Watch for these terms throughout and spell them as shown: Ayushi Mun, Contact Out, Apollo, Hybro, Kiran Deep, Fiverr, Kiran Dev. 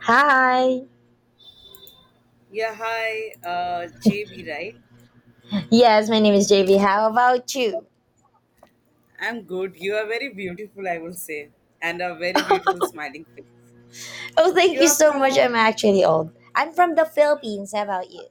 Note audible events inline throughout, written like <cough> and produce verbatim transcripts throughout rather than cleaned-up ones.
Hi. Yeah, hi, uh, J B, right? Yes, my name is J V. How about you? I'm good. You are very beautiful, I will say, and a very beautiful smiling face. Oh, thank You you are so much. from. I'm actually old. I'm from the Philippines. How about you?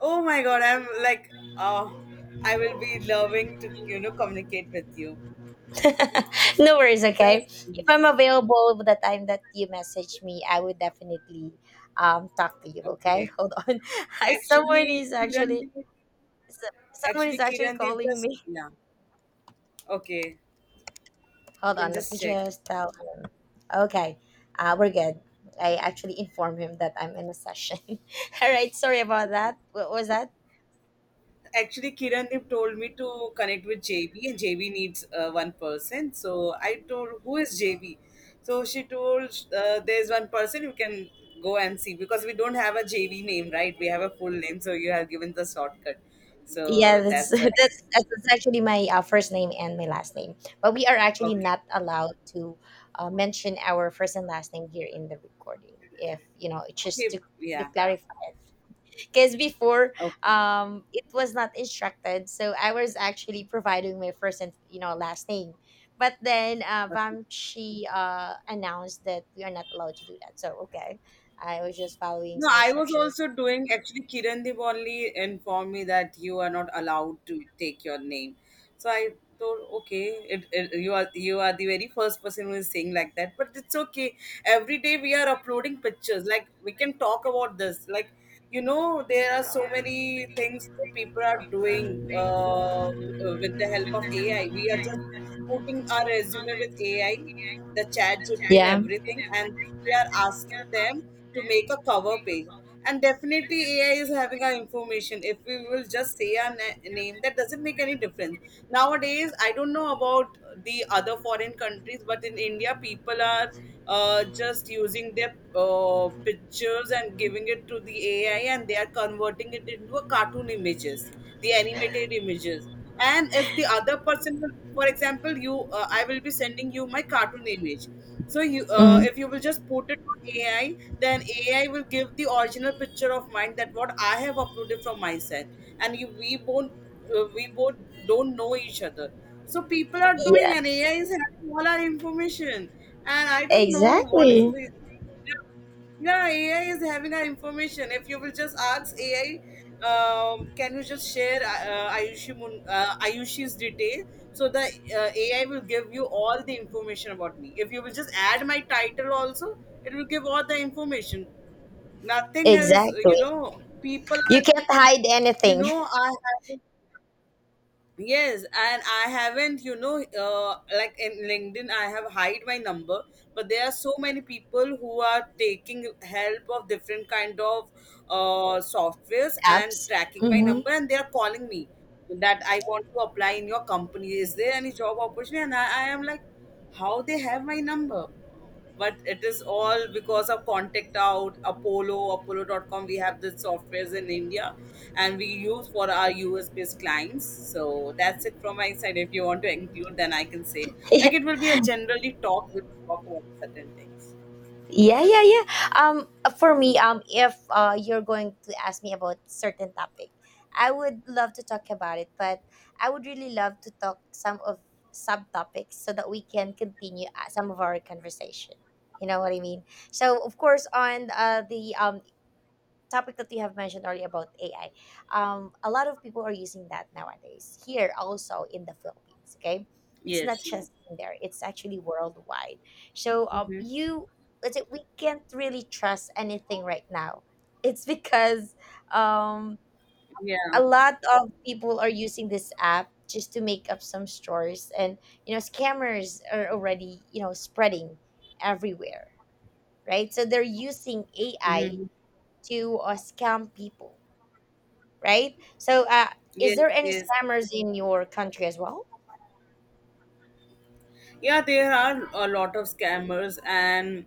Oh my God, I'm like, oh, I will be loving to you know communicate with you. <laughs> No worries, okay? Just If I'm available the time that you message me, I would definitely um talk to you, okay? okay. Hold on. <laughs> Hi, someone Actually, is Kiran actually Deep. so- someone is Actually, actually Kiran Deep calling just me. yeah. Okay, <laughs> you Hold can on, let just me check. just tell him. Okay. Uh, we're good. I actually informed him that I'm in a session. <laughs> All right, sorry about that. What was that? Actually, Kirandeep told me to connect with J B, and J B needs uh, one person. So I told, "Who is J B?" So she told, uh, "There's one person you can go and see because we don't have a J B name, right? We have a full name, so you have given the shortcut. So Yeah, that's <laughs> that's a, like, that's, that's actually my uh, first name and my last name. But we are actually okay, not allowed to uh, mention our first and last name here in the recording. If you know, just okay, to to yeah, clarify, because before okay, um, it was not instructed, so I was actually providing my first and you know last name. But then uh, okay. Vam, she uh, announced that we are not allowed to do that. So okay, I was just following No, some I was instructions. also doing actually Kiran Dev only informed me that you are not allowed to take your name. So I thought, okay, it, it, you are you are the very first person who is saying like that, but it's okay. Every day we are uploading pictures. Like we can talk about this. Like you know, there are so many things that people are doing uh, with the help of A I. We are just putting our resume with A I, the chat G P T and Yeah. everything, and we are asking them to make a cover page. And definitely A I is having our information. If we will just say our na- name, that doesn't make any difference. Nowadays, I don't know about the other foreign countries, but in India, people are uh, just using their uh, pictures and giving it to the A I, and they are converting it into a cartoon images, the animated images. And if the other person will- for example you uh, I will be sending you my cartoon image, so you uh, Hmm. if you will just put it on AI, then AI will give the original picture of mine that what I have uploaded from my side. And you, we both uh, we both don't know each other, so people are doing Yeah. and AI is having all our information, and I don't know what is Exactly. this. Yeah, A I is having our information. If you will just ask A I, um, can you just share uh, uh, Ayushi Mun, uh, Ayushi's detail? So the uh, A I will give you all the information about me. If you will just add my title also, it will give all the information. Nothing is, you Exactly. know, people, You can't hide you anything. <laughs> know, I have yes, and I haven't, you know, uh, like in LinkedIn, I have hide my number, but there are so many people who are taking help of different kind of uh, softwares and Apps. tracking my Mm-hmm. number, and they are calling me that I want to apply in your company. Is there any job opportunity? And I, I am like, how they have my number? But it is all because of Contact Out, Apollo, Apollo dot com. We have the softwares in India and we use for our U S based clients. So that's it from my side. If you want to include, then I can say. <laughs> Like yeah, it will be a generally talk, we talk about certain things. yeah, yeah. Um, for me, um, if uh, you're going to ask me about certain topic, I would love to talk about it, but I would really love to talk some of subtopics so that we can continue uh, some of our conversation. You know what I mean? So, of course, on uh, the um topic that you have mentioned earlier about A I, um, a lot of people are using that nowadays here also in the Philippines. Okay, it's not Yes. just in there; it's actually worldwide. So um, Mm-hmm. you, let's say we can't really trust anything right now. It's because um, Yeah. a lot of people are using this app just to make up some stories, and you know scammers are already you know spreading everywhere, right? So they're using A I Mm-hmm. to uh, scam people, right? So, uh, is Yes, there any yes. scammers in your country as well? Yeah, there are a lot of scammers and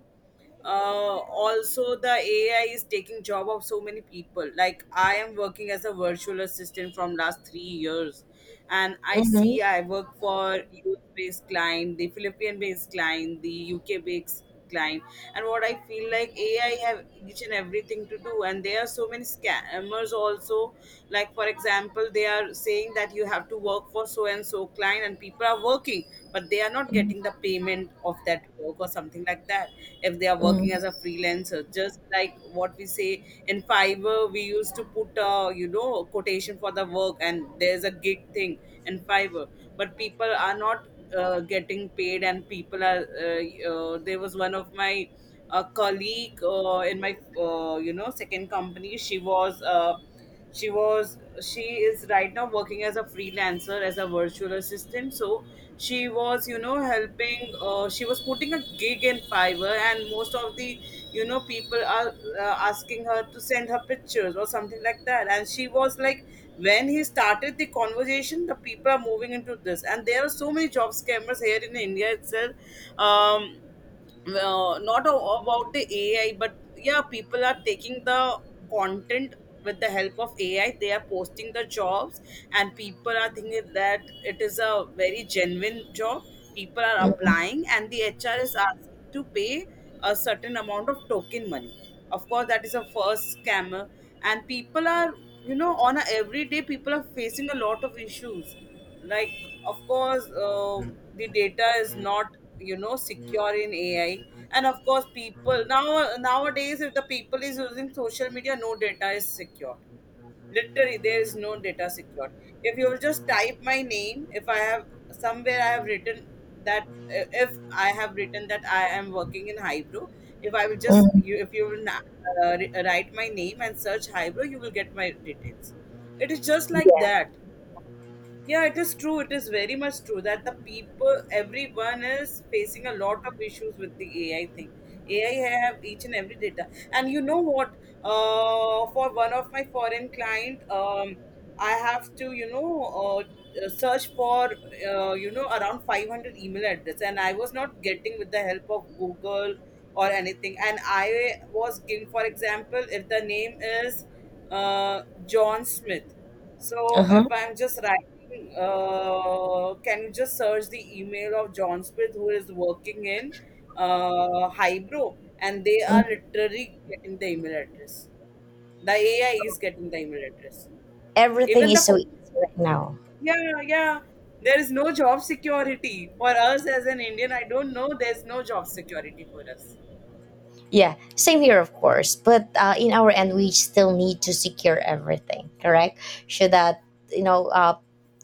uh, also the A I is taking job of so many people. Like I am working as a virtual assistant from last three years, and I Mm-hmm. see I work for U S based client, the Philippine based client, the U K based client. And what I feel like, AI have each and everything to do, and there are so many scammers also. Like for example, they are saying that you have to work for so and so client and people are working, but they are not getting the payment of that work or something like that. If they are working Mm-hmm. as a freelancer, just like what we say in Fiverr, we used to put a, you know, quotation for the work, and there's a gig thing in Fiverr. But people are not uh, getting paid, and people are uh, uh, there was one of my uh, colleague uh, in my uh, you know, second company. She was uh, she was she is right now working as a freelancer as a virtual assistant. So she was, you know, helping. uh, she was putting a gig in Fiverr, and most of the, you know, people are uh, asking her to send her pictures or something like that, and she was like, when he started the conversation, the people are moving into this. And there are so many job scammers here in India itself. um well, not a, about the A I, but yeah, people are taking the content with the help of A I. They are posting the jobs, and people are thinking that it is a very genuine job. People are Mm-hmm. applying, and the H R is asking to pay a certain amount of token money. Of course, that is a first scammer. And people are, you know, on a everyday people are facing a lot of issues. Like of course, um the data is not, you know, secure in AI. And of course, people now nowadays, if the people is using social media, no data is secure. Literally, there is no data secured. If you will just type my name, if I have somewhere I have written that, if I have written that I am working in Hybro, if I will just Mm-hmm. you if you will na- uh, write my name and search Hybro, you will get my details. It is just like that. Yeah, it is true. It is very much true that the people, everyone is facing a lot of issues with the A I thing. A I have each and every data. And you know what? Uh, for one of my foreign client, um, I have to, you know, uh, search for, uh, you know, around five hundred email address. And I was not getting with the help of Google or anything. And I was giving, for example, if the name is uh, John Smith. So if Uh-huh. I'm just writing, uh, can you just search the email of John Smith who is working in uh, Hybro, and they are Mm. literally getting the email address. The A I is getting the email address. Everything Even the is so co- easy right now. yeah, yeah, there is no job security for us as an Indian. I don't know. There's no job security for us. Yeah, same here, of course. But uh, in our end, we still need to secure everything, correct? So that you know, uh,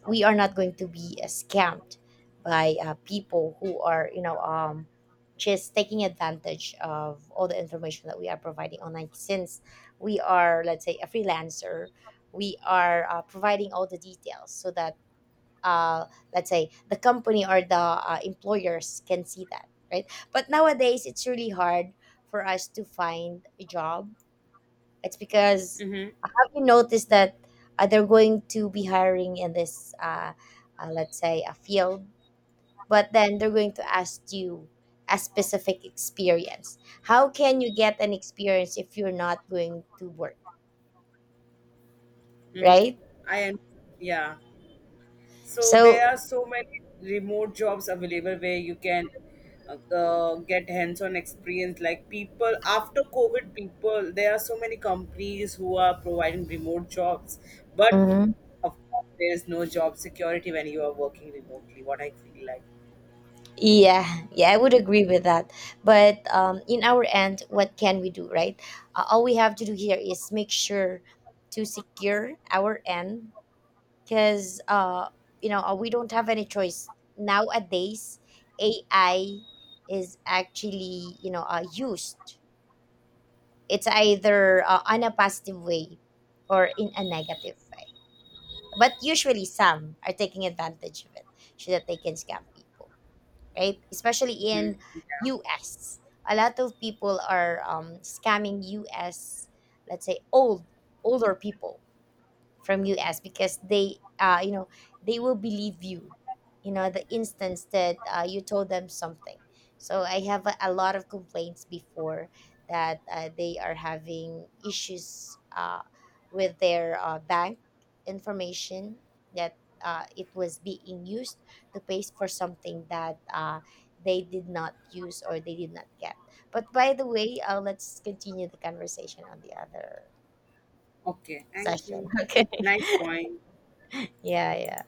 we are not going to be uh, scammed by uh, people who are you know um, just taking advantage of all the information that we are providing online. Since we are, let's say, a freelancer, we are uh, providing all the details so that uh, let's say the company or the uh, employers can see that, right? But nowadays it's really hard for us to find a job. It's because, Mm-hmm. uh, have you noticed that uh, they're going to be hiring in this uh, uh, let's say a field, but then they're going to ask you a specific experience. How can you get an experience if you're not going to work, Mm-hmm. right? I am yeah. So there so are so many remote jobs available where you can uh, uh, get hands-on experience. Like people after COVID, people there are so many companies who are providing remote jobs, but Mhm. of course there is no job security when you are working remotely. What I feel like. Yeah, yeah, I would agree with that. But um, in our end, what can we do, right? Uh, all we have to do here is make sure to secure our end because, uh, you know, uh, we don't have any choice. Nowadays, A I is actually, you know, uh, used. It's either uh, on a positive way or in a negative way. But usually, some are taking advantage of it so that they can scam people, right? Especially in Mhm. U S. A lot of people are um, scamming U S, let's say old, older people from us because they, uh, you know they will believe you, you know the instance that uh, you told them something. So I have a, a lot of complaints before that uh, they are having issues uh, with their uh, bank information, that uh, it was being used to pay for something that uh, they did not use or they did not get. But by the way, uh, let's continue the conversation on the other Okay, thank session. you. <laughs> Okay. Nice point. Yeah, yeah.